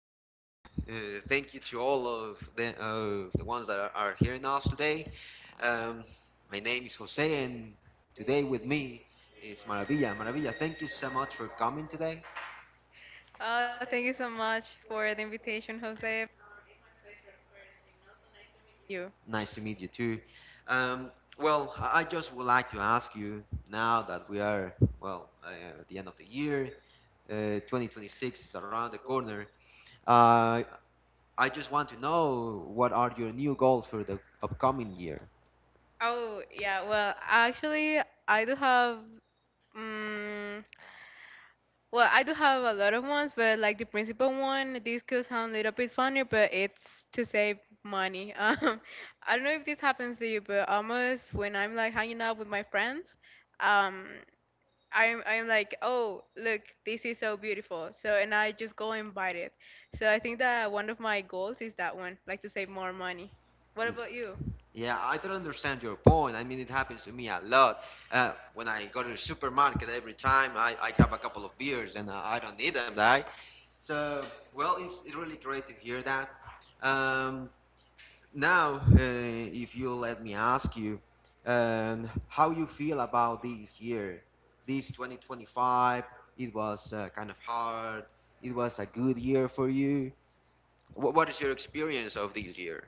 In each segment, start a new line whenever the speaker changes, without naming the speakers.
night, and uh, thank you to all of the ones that are hearing us today. Um, my name is Jose, and today with me is Maravilla. Maravilla, thank you so much for coming today.
Oh, thank you so much for the invitation, Jose. You.
Nice to meet you too. Um, well, I just would like to ask you now that we are at the end of the year. 2026 is around the corner. Uh, I just want to know, what are your new goals for the upcoming year?
Oh, yeah. Well, actually, I do have. Um, well, I do have a lot of ones, but like the principal one, this could sound a little bit funny, but it's to save money. I don't know if this happens to you, but almost when I'm like hanging out with my friends, um, I'm like, oh, look, this is so beautiful. So and I just go and buy it. So I think that one of my goals is that one, like to save more money. What about you?
Yeah, I don't understand your point. I mean, it happens to me a lot. When I go to the supermarket, every time I grab a couple of beers and I don't need them, right? So, well, it's really great to hear that. Um, now, if you will let me ask you, how you feel about this year, this 2025? It was kind of hard. It was a good year for you. What is your experience of this year?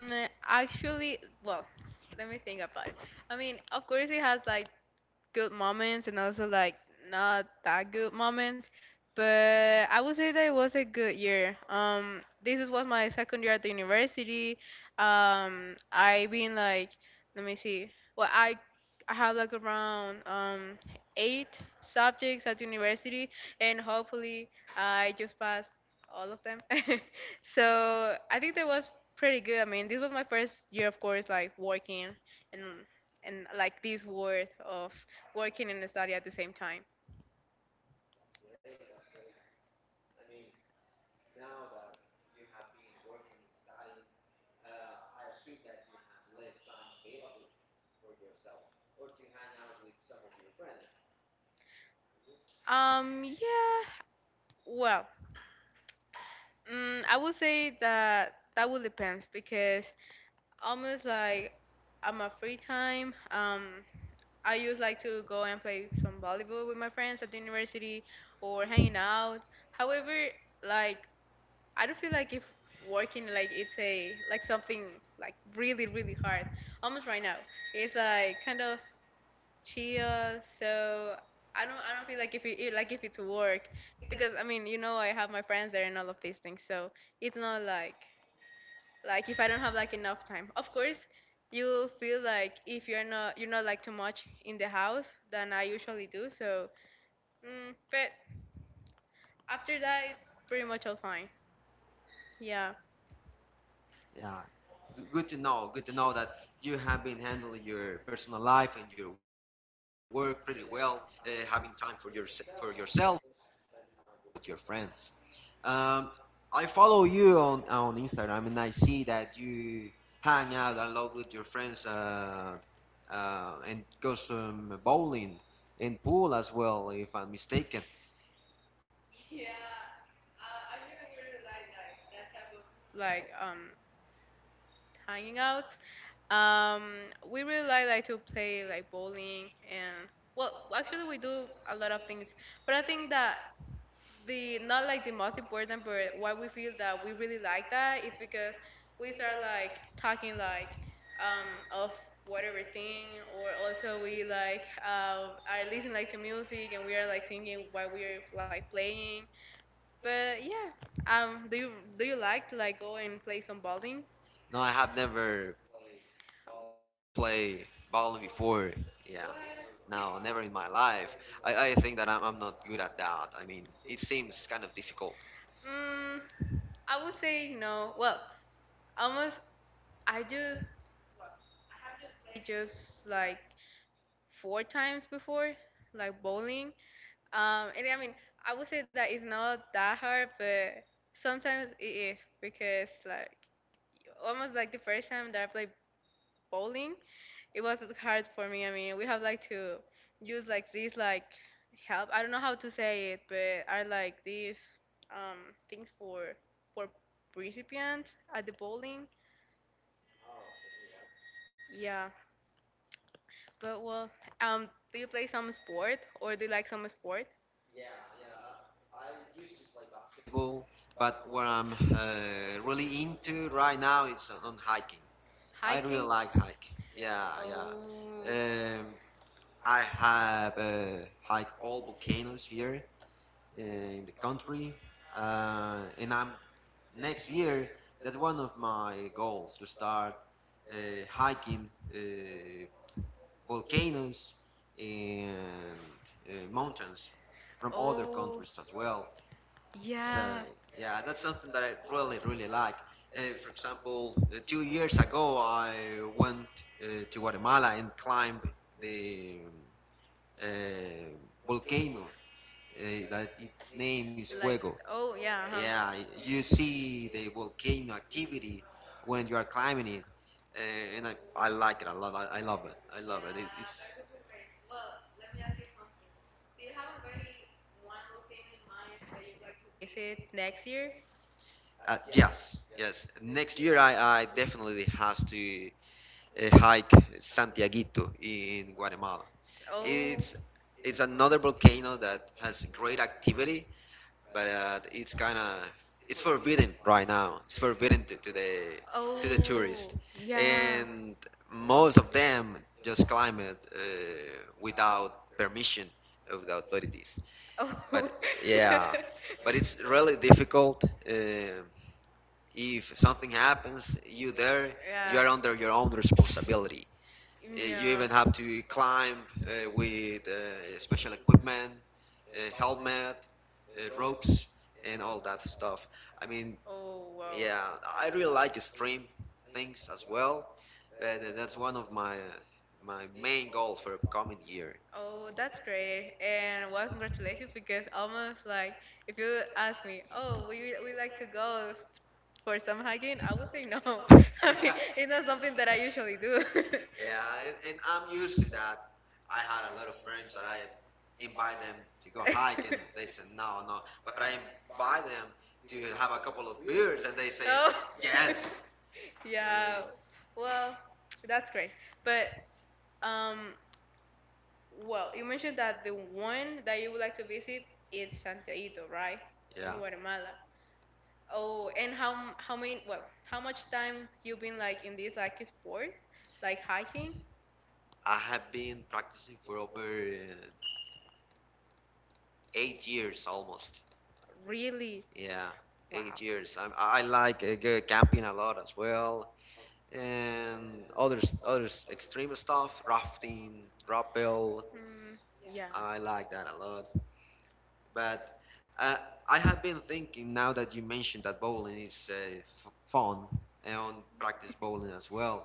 Actually, well, let me think about it. I mean, of course it has like good moments and also like not that good moments. But I would say that it was a good year. Was my second year at the university. I been like, let me see. Well, I have like around eight subjects at university, and hopefully I just pass all of them. So I think that was pretty good. I mean, this was my first year, of course, like working and this world of working and study at the same time. Yeah, well, I would say that that will depend because almost like at my free time, I used like to go and play some volleyball with my friends at the university or hanging out. However, like I don't feel like if working like it's a like something like really really hard. Almost right now it's like kind of chill. So I don't feel like if like if it's work, because I mean I have my friends there and all of these things. So it's not like if I don't have like enough time. Of course, you feel like if you're not like too much in the house than I usually do. So but after that, pretty much all fine. Yeah,
Yeah. Good to know. Good to know that you have been handling your personal life and your work pretty well, having time for your for yourself with your friends. Um, I follow you on Instagram, and I see that you hang out a lot with your friends, and go some bowling and pool as well, if I'm mistaken.
like hanging out. Um, we really like to play like bowling, and well, actually we do a lot of things, but I think that the not like the most important, but why we feel that we really like that is because we start like talking like of whatever thing, or also we like are listening like to music and we are like singing while we are like playing. But yeah, do you like to like go and play some bowling?
No, I have never played violin before. Yeah. No, never in my life. I think that I'm not good at that. I mean, it seems kind of difficult.
Mm, I would say no. Well, almost I just I just like four times before, like bowling. And I mean, I would say that it's not that hard, but sometimes it is because like almost like the first time that I played bowling, it was hard for me. I mean, we have like to use like these like help. I don't know how to say it, but are like these um things for recipient at the bowling. Yeah. But well, do you play some sport or do you like some sport?
Well, but what I'm really into right now is on hiking. I really
Hiking?
like hiking. Yeah, yeah.
Oh,
Um, I have hiked all volcanoes here in the country, and I'm next year, that's one of my goals, to start uh, hiking uh, volcanoes and mountains from other
oh,
countries as well. So
yeah.
yeah, that's something that I really really like. For example, 2 years ago, I went to Guatemala and climbed the um, uh, volcano that its name is
Like,
Fuego.
oh yeah, huh?
Yeah, you see the volcano activity when you are climbing it, and I like it a lot. I love it. I love it. it it's
Is it next year?
uh, yes, yes. Next year, I definitely has to hike Santiaguito in Guatemala.
Oh,
It's it's another volcano that has great activity, but it's kind of it's forbidden right now. It's forbidden to the
oh,
tourist,
yeah.
and most of them just climb it without permission of the authorities.
Oh,
But yeah, but it's really difficult. If something happens, you
yeah,
are under your own responsibility.
mm,
You
yeah.
even have to climb with special equipment, helmet, ropes, and all that stuff. I mean,
Oh wow.
yeah, I really like extreme things as well, but that's one of my main goals for upcoming year.
Oh, that's great. And well, congratulations, because almost like if you ask me, oh, we like to go for some hiking, I would say no. I mean, it's not something that I usually do.
Yeah, and I'm used to that. I had a lot of friends that I invite them to go hike, and they said no, no. But I invite them to have a couple of beers, and they say
Oh.
yes.
Yeah.
I mean,
Well, that's great. But um, well, you mentioned that the one that you would like to visit is Santiago, right?
yeah.
In Guatemala. Oh, and how many? Well, how much time you been like in this like sport, like hiking?
I have been practicing for over 8 years almost.
Really?
Yeah,
Wow.
8 years. I like go camping a lot as well, and others extreme stuff: rafting, rappel.
Mm, yeah.
I like that a lot. But uh, I have been thinking, now that you mentioned that bowling is fun, and practice bowling as well.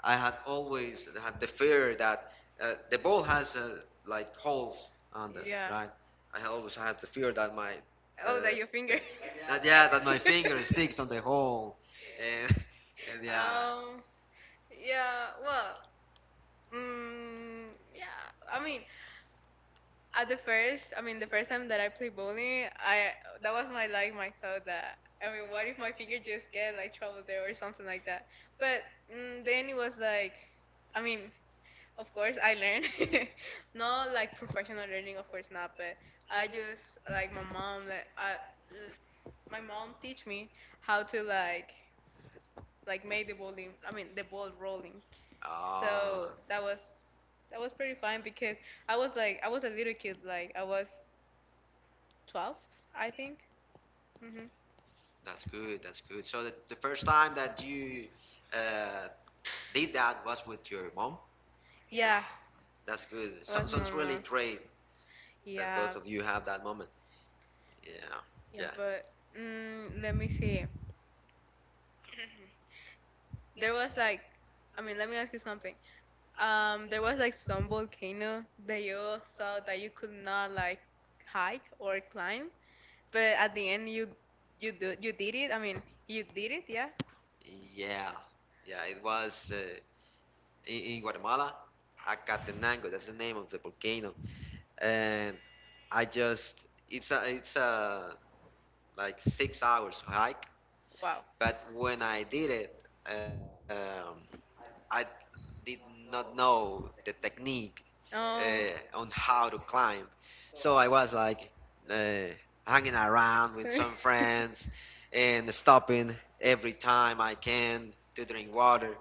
I had always had the fear that the ball has like holes on it,
Yeah.
right? I always had the fear that my
Oh, that
uh,
your finger.
that yeah that my finger sticks on the hole, and and yeah.
Um. Yeah. Well. Yeah. I mean, at the first, I mean, the first time that I played bowling, I that was my like my thought, that I mean, what if my finger just get like trouble there or something like that? But then it was like, I mean, of course I learned, not like professional learning, of course not, but I just like my mom my mom teach me how to like make the bowling, I mean the ball rolling. So
Ah,
that was pretty fun because I was a little kid, like I was 12, I think. Hmm.
that's good. That's good. So the first time that you uh, did that was with your mom. Yeah,
Yeah,
that's good.
it
So,
was my
sounds really
mom.
great that both
Yeah,
of you have that moment. Yeah, yeah,
yeah, but let me see. There was like, I mean, let me ask you something. There was like some volcano that you thought that you could not like hike or climb, but at the end you did it. I mean, you did it. Yeah.
yeah, yeah. It was in Guatemala, Acatenango. That's the name of the volcano, and I just it's a like 6 hours hike.
Wow.
But when I did it, I did not know the technique
Oh.
on how to climb. So I was like uh, hanging around with some friends and stopping every time I can to drink water.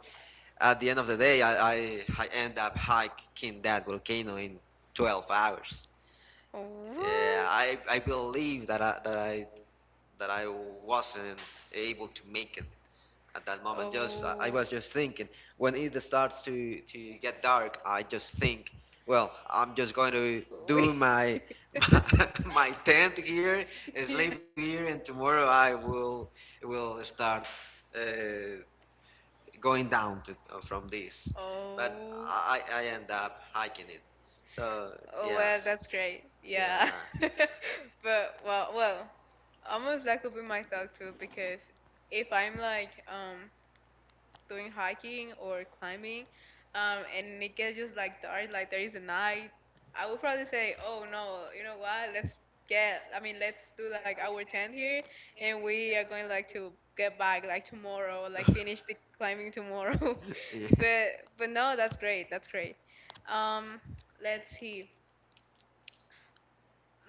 At the end of the day, I end up hiking that volcano in 12 hours.
What?
Yeah, I believe that I, that I that I wasn't able to make it at that moment. Just I
Oh.
was just thinking, when it starts to get dark, I just think, well, I'm just going to do
We-
my my tent here and sleep
yeah.
here, and tomorrow I will start uh, going down from this, but
Oh.
I end up hiking it. So
Oh well,
yes,
that's great. Yeah.
yeah.
But well, almost that could be my thought too, because if I'm like doing hiking or climbing, and it gets just like dark, like there is a night, I would probably say, oh no, you know what? Let's get, I mean, let's do like our tent here, and we are going like to get back like tomorrow, like finish the climbing tomorrow.
Yeah.
But no, that's great. That's great. Um, let's see.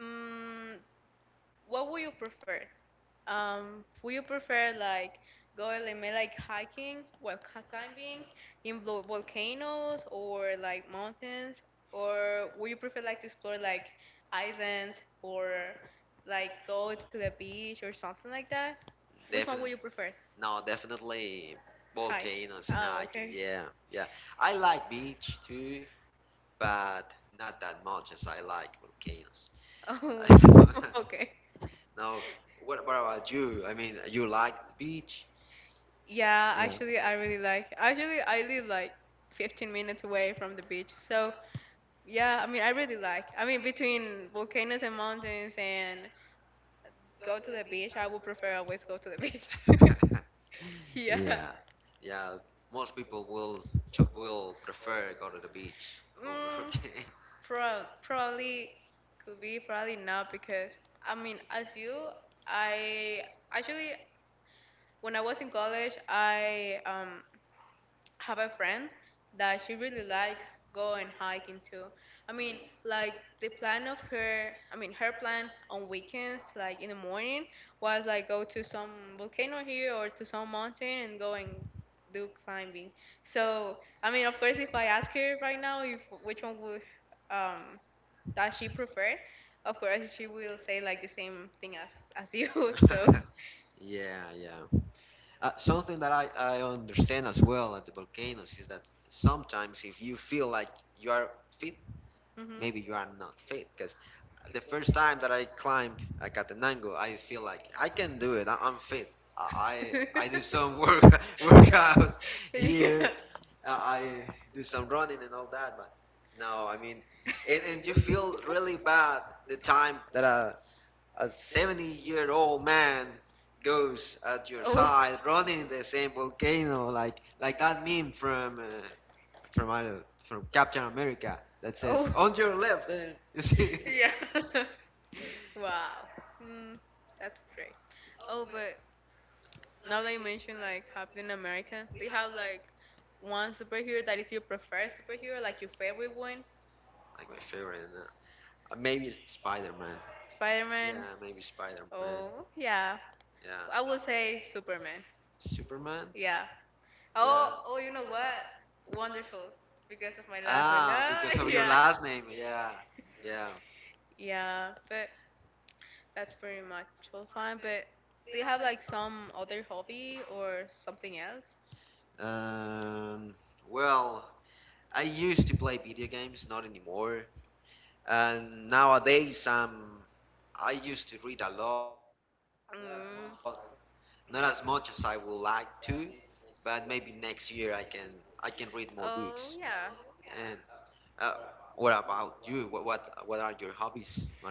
Mm, what would you prefer? Would you prefer like go a little bit like hiking, well, climbing in volcanoes or like mountains, or would you prefer like to explore like islands or like go to the beach or something like that? Which one would
Definitely.
you prefer?
No, definitely
Hike.
volcanoes and
Oh,
hiking.
okay.
Yeah, yeah. I like beach too, but not that much as I like volcanoes.
Oh, okay.
No, what about you? I mean, you like the beach?
Yeah, actually, I really like. Actually, I live like 15 minutes away from the beach. So yeah, I mean, I really like. I mean, between volcanoes and mountains and go to the beach, I would prefer always go to the beach. Yeah.
Yeah, yeah. Most people will will prefer go to the beach over
Mm, probably could be, probably not, because I mean, as you, I actually when I was in college, I have a friend that she really likes going hiking too. I mean, like the plan of her, I mean, her plan on weekends, like in the morning, was like go to some volcano here or to some mountain and go and do climbing. So, I mean, of course, if I ask her right now if which one would um that she prefer, of course she will say like the same thing as you. So.
volcanoes. Yeah, yeah. Something that I understand as well at the volcanoes is that sometimes if you feel like you are fit,
Mhm.
maybe you are not fit. Because the first time that I climbed Catenango, I feel like I can do it. I'm fit. I do some workout here.
Yeah.
I do some running and all that. But no, I mean, and you feel really bad the time that a 70-year-old man goes at your
Oh,
side running the same volcano, like that meme from I don't, from Captain America, that says,
oh,
"On your left," there you see.
yeah. Wow. Mm, that's great. Oh, but now that you mentioned like Captain America, do you have like one superhero that is your preferred superhero, like your favorite one?
Like, my favorite maybe it's Spider-Man. Yeah,
Spider-Man?
maybe Spider-Man.
Oh, yeah.
Yeah.
I would say Superman.
Superman.
Yeah.
Yeah.
Oh, oh, you know what? Wonderful. Because of my last one.
Ah, because of your
Yeah.
last name. Yeah, yeah.
Yeah, but that's pretty much all fine. But do you have like some other hobby or something else?
um well, I used to play video games, not anymore. And nowadays, I used to read a lot, not as
Mm.
much as I would like to, but maybe next year I can read more books.
Oh yeah.
And uh, what about you? What are your hobbies, Maravilla?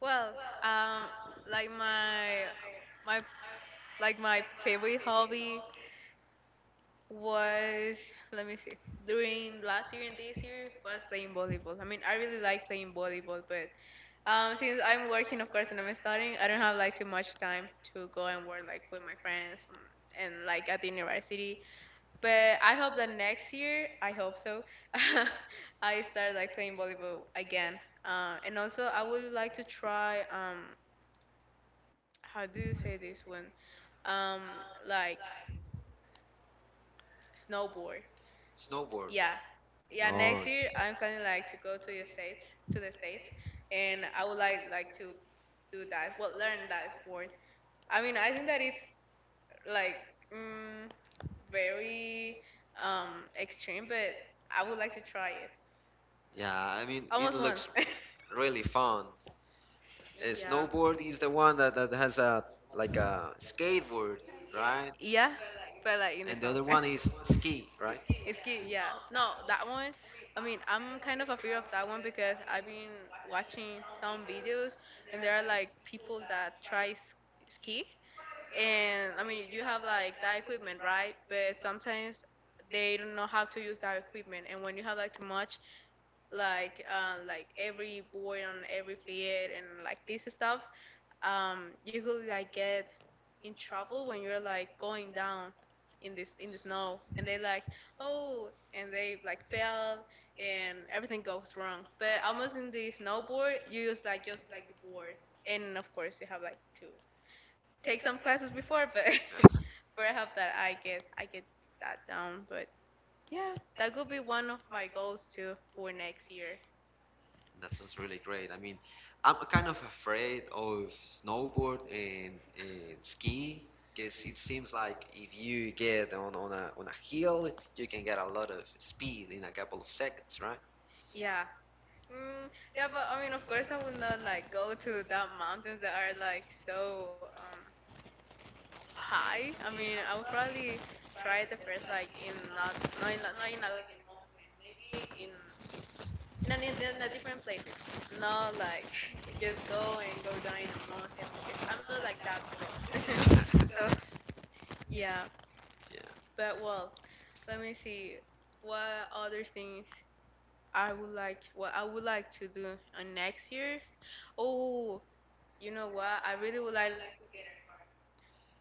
Well, um, like my my favorite hobby was, let me see. During last year and this year was playing volleyball. I mean, I really like playing volleyball, but since I'm working, of course, and I'm studying, I don't have like too much time to go and work like with my friends and, like at the university. But I hope that next year, I hope so, I start like playing volleyball again. And also, I would like to try how do you say this one? Um, like snowboard.
Snowboard?
Yeah, yeah.
No.
Next year, I'm planning like to go to the states, and I would like to do that. Well, learn that sport. I mean, I think that it's like mm, very extreme, but I would like to try it
Yeah, I mean, it
almost once.
looks really fun.
Yeah.
Snowboard is the one that has a like a skateboard,
Yeah,
right?
but like in the snow.
And the other one is ski,
It's
right?
cute, yeah.
Ski.
No, that one. I mean, I'm kind of afraid of that one because I've been watching some videos and there are like people that try ski, and I mean you have like that equipment, right? But sometimes they don't know how to use that equipment, and when you have like too much, like every board on every field and like these stuffs, you could like get in trouble when you're like going down in this in the snow, and they like oh, and they like fell, and everything goes wrong. But almost in the snowboard, you use like just like the board, and of course you have like to take some classes before, but but I hope that I get that down. But yeah, that could be one of my goals too for next year.
That sounds really great. I mean, I'm kind of afraid of snowboard and ski, because it seems like if you get on a hill, you can get a lot of speed in a couple of seconds, right?
Yeah. Mm, yeah, but I mean, of course, I will not like go to the mountains that are like so high. I mean, I will probably try the first like in not not in not in a, in in a different places. Not like just go and go down in a mountain because I'm not like that pro. So yeah.
Yeah,
But well, let me see what other things I would like what I would like to do on next year. Oh, you know what? I really would like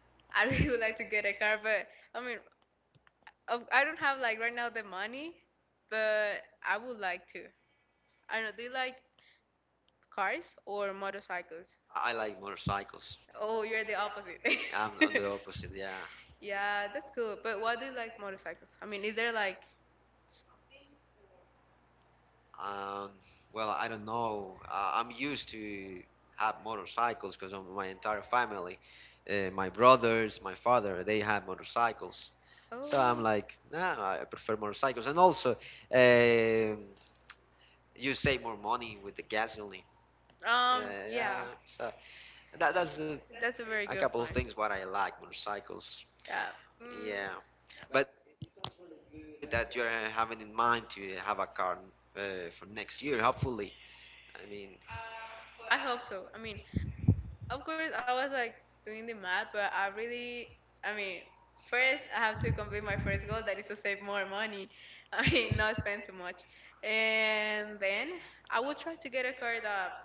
I really would like to get a car, but I mean, I don't have like right now the money, but I would like to. I don't know. Do you like cars or motorcycles?
I like motorcycles.
Oh, you're the opposite.
I'm on the opposite. Yeah.
Yeah, that's cool. But why do you like motorcycles? I mean, is there like
Um, well, I don't know. I'm used to have motorcycles because of my entire family. My brothers, my father, they have motorcycles. So I'm
oh
like, nah, I prefer motorcycles. And also, um you save more money with the gasoline. Uh, yeah,
yeah.
so that's
That's a very
a
good
couple
point.
of things what I like motorcycles.
Yeah. Mm,
Yeah, but good that you're having in mind to have a car uh, for next year, hopefully. I mean,
I hope so. I mean, of course, I was like doing the math, but I mean, first I have to complete my first goal that is to save more money. I mean, not spend too much. And then I will try to get a car that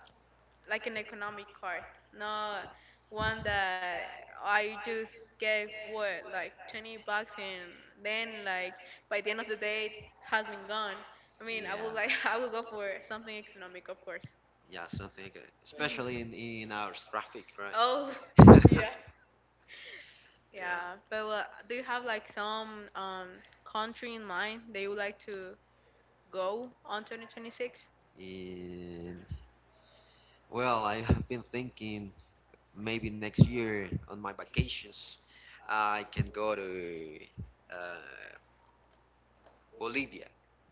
like an economic card, not one that I just gave what like $20 and then like by the end of the day it has been gone. I mean, I
yeah.
would like I would go for something economic, of course.
Yeah, something
Mhm.
especially in our traffic,
Oh,
right?
yeah. Yeah,
Yeah.
but well, do you have like some country in mind that you would like to go on 2026?
And well, I have been thinking, maybe next year on my vacations, I can go to uh, Bolivia.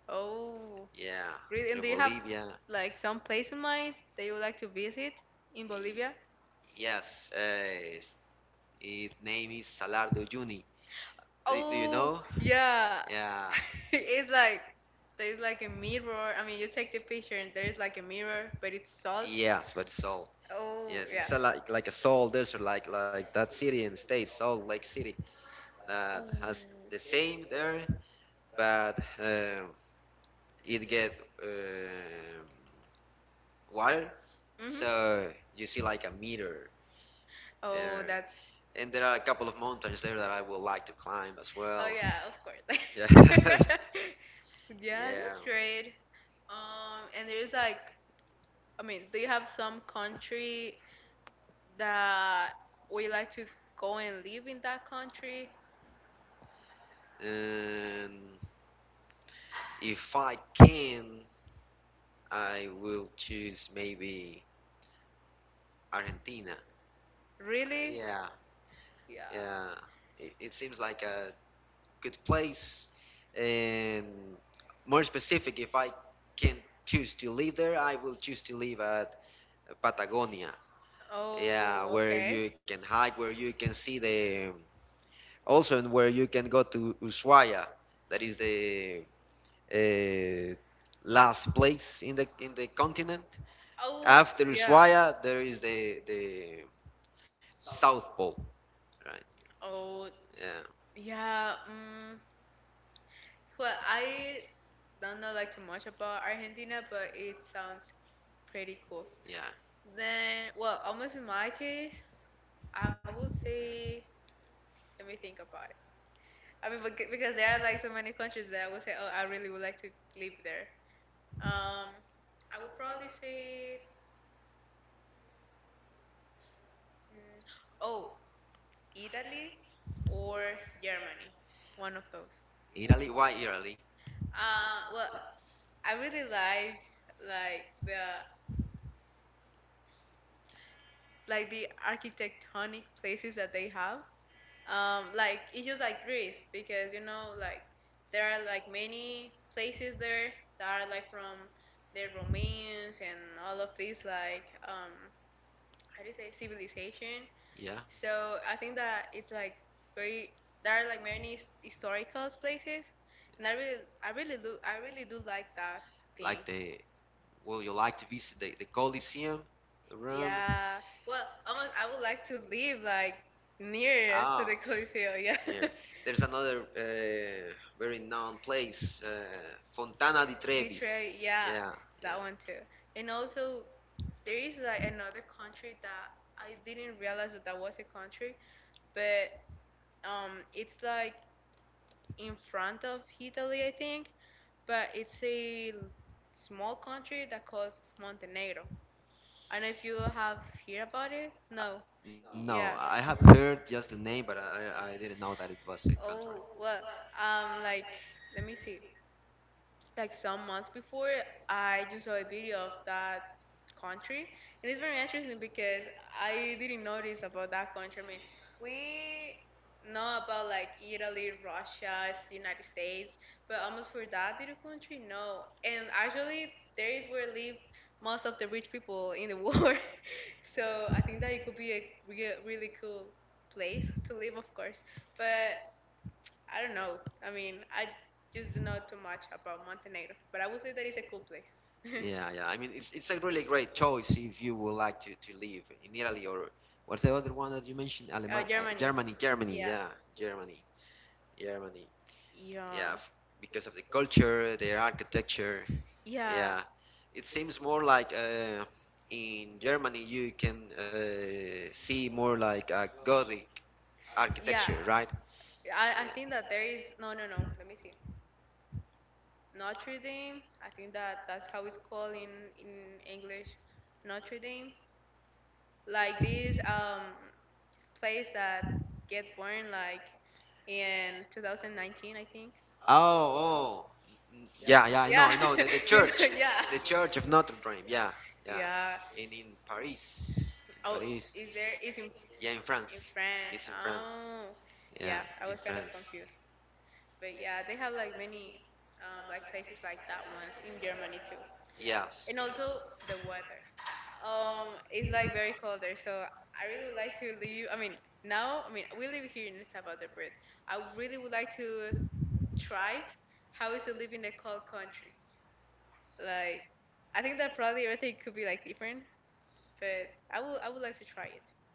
Oh,
Yeah.
really? And
To
do you have
Bolivia.
like some place in mind that you would like to visit in Bolivia?
Yes, it's- its name is Salar de Uyuni. Do you
Oh,
know?
yeah.
Yeah.
It's like there's like a mirror. I mean, you take the picture and there is like a mirror, but it's salt.
Yes, but Seoul.
Oh,
Yes,
yeah.
it's a, like a Seoul desert, like that city in the States, Salt Lake City, that
Oh.
has the same there, but it get um water,
Mhm.
so you see like a meter
Oh,
there,
that's.
and there are a couple of mountains there that I would like to climb as
Oh
well.
yeah, of course.
Yeah.
yeah,
Yeah.
that's great. And there's like, I mean, do you have some country that we like to go and live in that country?
And if I can, I will choose maybe Argentina.
Really?
Really? Yeah,
Yeah.
yeah. It seems like a good place. And more specific, if I can choose to live there, I will choose to live at Patagonia. Yeah,
Oh,
where
okay.
you can hike, where you can see the, also, and where you can go to Ushuaia, that is the uh, last place in the continent.
Oh,
After
yeah.
Ushuaia, there is the South Pole, right?
Oh,
Yeah.
yeah. Mm, well, I don't know like too much about Argentina, but it sounds pretty cool.
Yeah,
Then, well, almost in my case, I would say, let me think about it. I mean, because there are like so many countries that I would say, oh, I really would like to live there. Um, I would probably say, mm, oh, Italy or Germany, one of those.
Italy. Why Italy?
Well, I really like like the like the architectonic places that they have. Like it's just like Greece because you know like there are like many places there that are like from the Romans and all of these like how do you say civilization.
Yeah,
So I think that it's like very there are like many historical places, and I really do like that thing.
like the. Will you like to visit the Colosseum, Rome?
Yeah. Well, almost I would like to live like near to
Ah,
the Coliseo. Yeah.
yeah. There's another very known place, Fontana di Trevi.
Detroit. Yeah,
Yeah,
that
yeah.
one too. And also there is like another country that I didn't realize that was a country, but it's like in front of Italy, I think. But it's a small country that calls Montenegro. I don't know if you have heard about it. No.
No, I
Yeah.
have heard just the name, but I didn't know that it was a country.
Oh well. Like let me see like some months before I just saw a video of that country and it's very interesting because I didn't notice about that country. I mean, we know about like Italy, Russia, United States, but almost for that little country no. And actually there is where live most of the rich people in the world. So I think that it could be a really cool place to live of course, but I don't know. I mean, I just do not too much about Montenegro, but I would say that it's a cool place. uh,
Yeah, yeah. I mean, it's a really great choice if you would like to live in Italy. Or what's the other one that you mentioned?
Germany.
Germany, Germany.
Yeah.
Yeah, Germany. Germany. Yeah,
Yeah.
because of the culture, their architecture.
Yeah.
Yeah, it seems more like in Germany you can see more like a Gothic
Yeah.
architecture, right?
I think that there is no.
Yeah.
Let me see. Notre Dame. I think that that's how it's called in English. Notre Dame. Like this place that get born like in 2019 I think.
Oh, oh, yeah, yeah. I know,
Yeah.
I know. The
you know,
church,
yeah.
the church of Notre Dame. Yeah, yeah.
Yeah.
And in Paris, in
Oh,
Paris.
is there? Is
Yeah, in
in
France. It's
France?
in France.
Oh,
Yeah,
yeah. I
in
was kind of
France.
confused, but yeah, they have like many like places like that ones in Germany too,
Yes.
and also the weather. It's like very cold there, so I really would like to leave. I mean, we live here in El Salvador, but I really would like to try how is to live in a cold country. Like, I think that probably everything could be like different, but I would like to try it.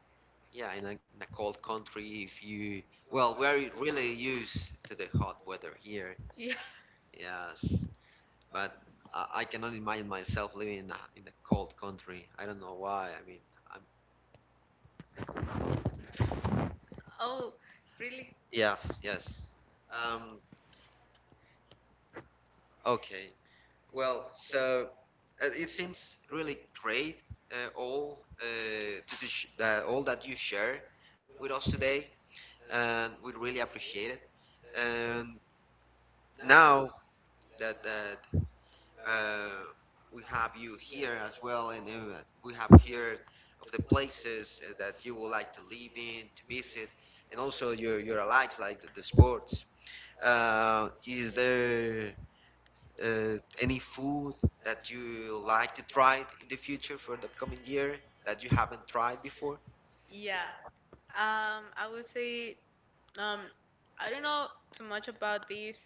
Yeah, in a cold country, if you, well, we're really used to the hot weather here.
Yeah.
Yes, but I cannot imagine myself living in a cold country. I don't know why. I mean, I'm,
Oh, really?
yes, yes. Um, okay. Well, so it seems really great, all to the sh all that you share with us today, and we really appreciate it. And now that uh, we have you here as well, and then we have here of the places that you would like to live in, to visit, and also your likes, like the sports. Is there any food that you like to try in the future for the upcoming year that you haven't tried before?
Yeah. I would say um, I don't know too much about this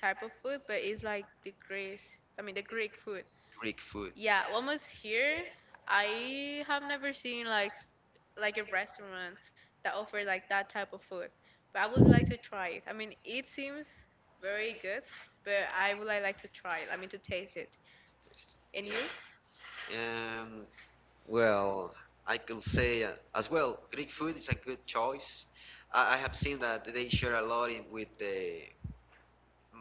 type of food, but it's like the Greece. I mean the Greek food.
Greek food.
Yeah, well, almost here. I have never seen like like a restaurant that offers like that type of food, but I would like to try it. I mean, it seems very good, but I would like to try it. I mean, to taste it. And
Yeah.
you?
Um, Well, I could say as well, Greek food is a good choice. I have seen that they share a lot in with the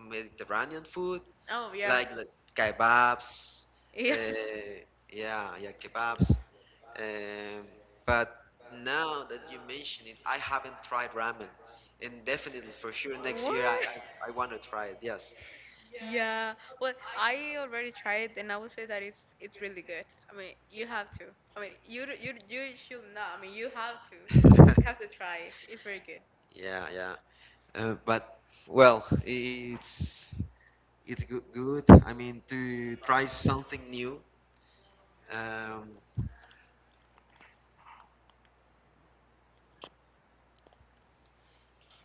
Mediterranean food,
Oh yeah.
like kebabs.
Yeah.
Uh, yeah, yeah, kebabs. Um, but now that you mention it, I haven't tried ramen, and definitely for sure next
What?
year I, want to try it. Yes.
Yeah. Well, I already tried, and I will say that it's really good. I mean, you have to. I mean, you should not. I mean, you have to. You have to try it. It's very good.
Yeah, yeah. But well, it's. It's good, good. I mean, to try something new. Um,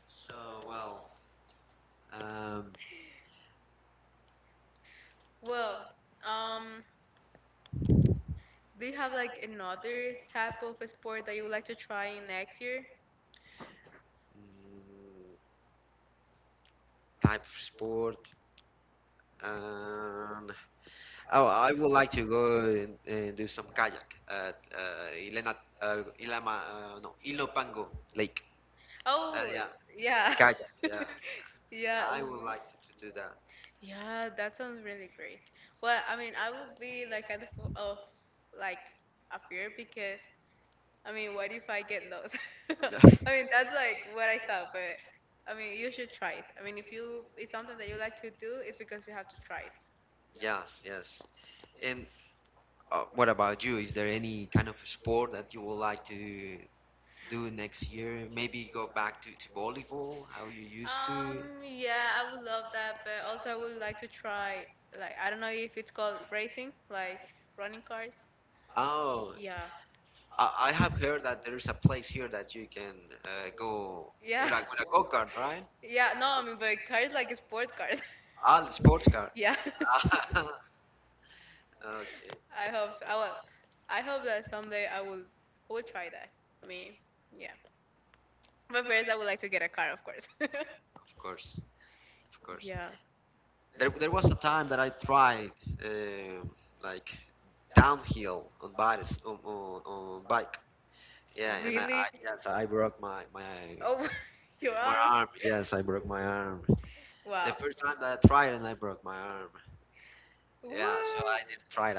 so, well, um,
Well, um, do you have like another type of sport that you would like to try next year?
mm, type of sport. And oh, I would like to go and do some kayak at uh, Ilama, no, Ilopango Lake.
Oh,
Yeah,
yeah.
kayak. Yeah,
Yeah,
I would like to do that.
Yeah, that sounds really great. Well, I mean, I would be like kind of of like a fear because I mean, what if I get lost? I mean, that's like what I thought, but I mean, you should try it. I mean, if you it's something that you like to do, it's because you have to try it.
Yes, yes. And what about you? Is there any kind of sport that you would like to do next year? Maybe go back to volleyball, how you used to?
Yeah, I would love that, but also I would like to try like I don't know if it's called racing, like running cars.
Oh, I have heard that there's a place here that you can go
Yeah.
with a go-kart, right?
Yeah, no, I mean, but a car is like a sport car.
Ah, the sports car.
Yeah.
Okay,
I hope so. I will. I hope that someday I will try that. I mean, yeah. But first, I would like to get a car, of course.
of course, of course.
yeah.
There was a time that I tried um like downhill on bikes on bike. Yeah, and I
Really?
yes, I broke
Oh, your
my
arm?
arm. Yes, I broke my arm. The
Wow.
first time that I tried, and I broke my arm. Yeah, so I
What?
didn't try it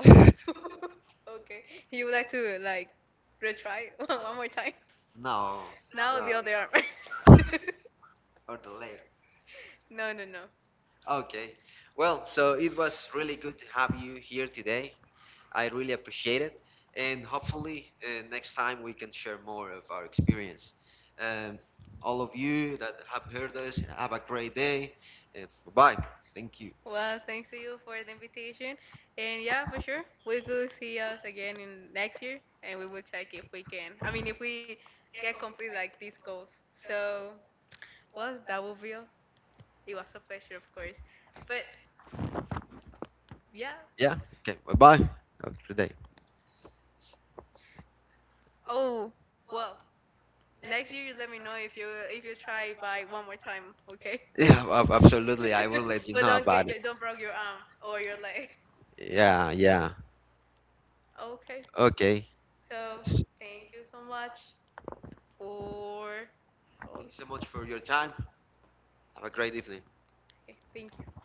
Oh, okay. You would like to like retry one more time?
No,
Now the
no,
other arm.
or the leg.
No.
Okay. Well, so it was really good to have you here today. I really appreciate it, and hopefully next time we can share more of our experience. Um, all of you that have heard us, have a great day, and bye. Thank you.
Well, thanks to you for the invitation. And yeah, for sure, we could see us again in next year, and we will check if we can. I mean, if we get complete like these goals. So, well, that will be all. It was a pleasure, of course. But yeah.
Yeah. Okay. Bye bye. Have a good day.
Oh, well, next year you let me know if you try by one more time, okay?
Yeah. Absolutely. I will let you
But
know
don't get
about it.
don't broke your arm or your leg.
Yeah. Yeah.
Okay.
Okay.
So,
S-
thank you so much for. Oh,
Thanks so much for your time. Have a great evening.
okay. Thank you.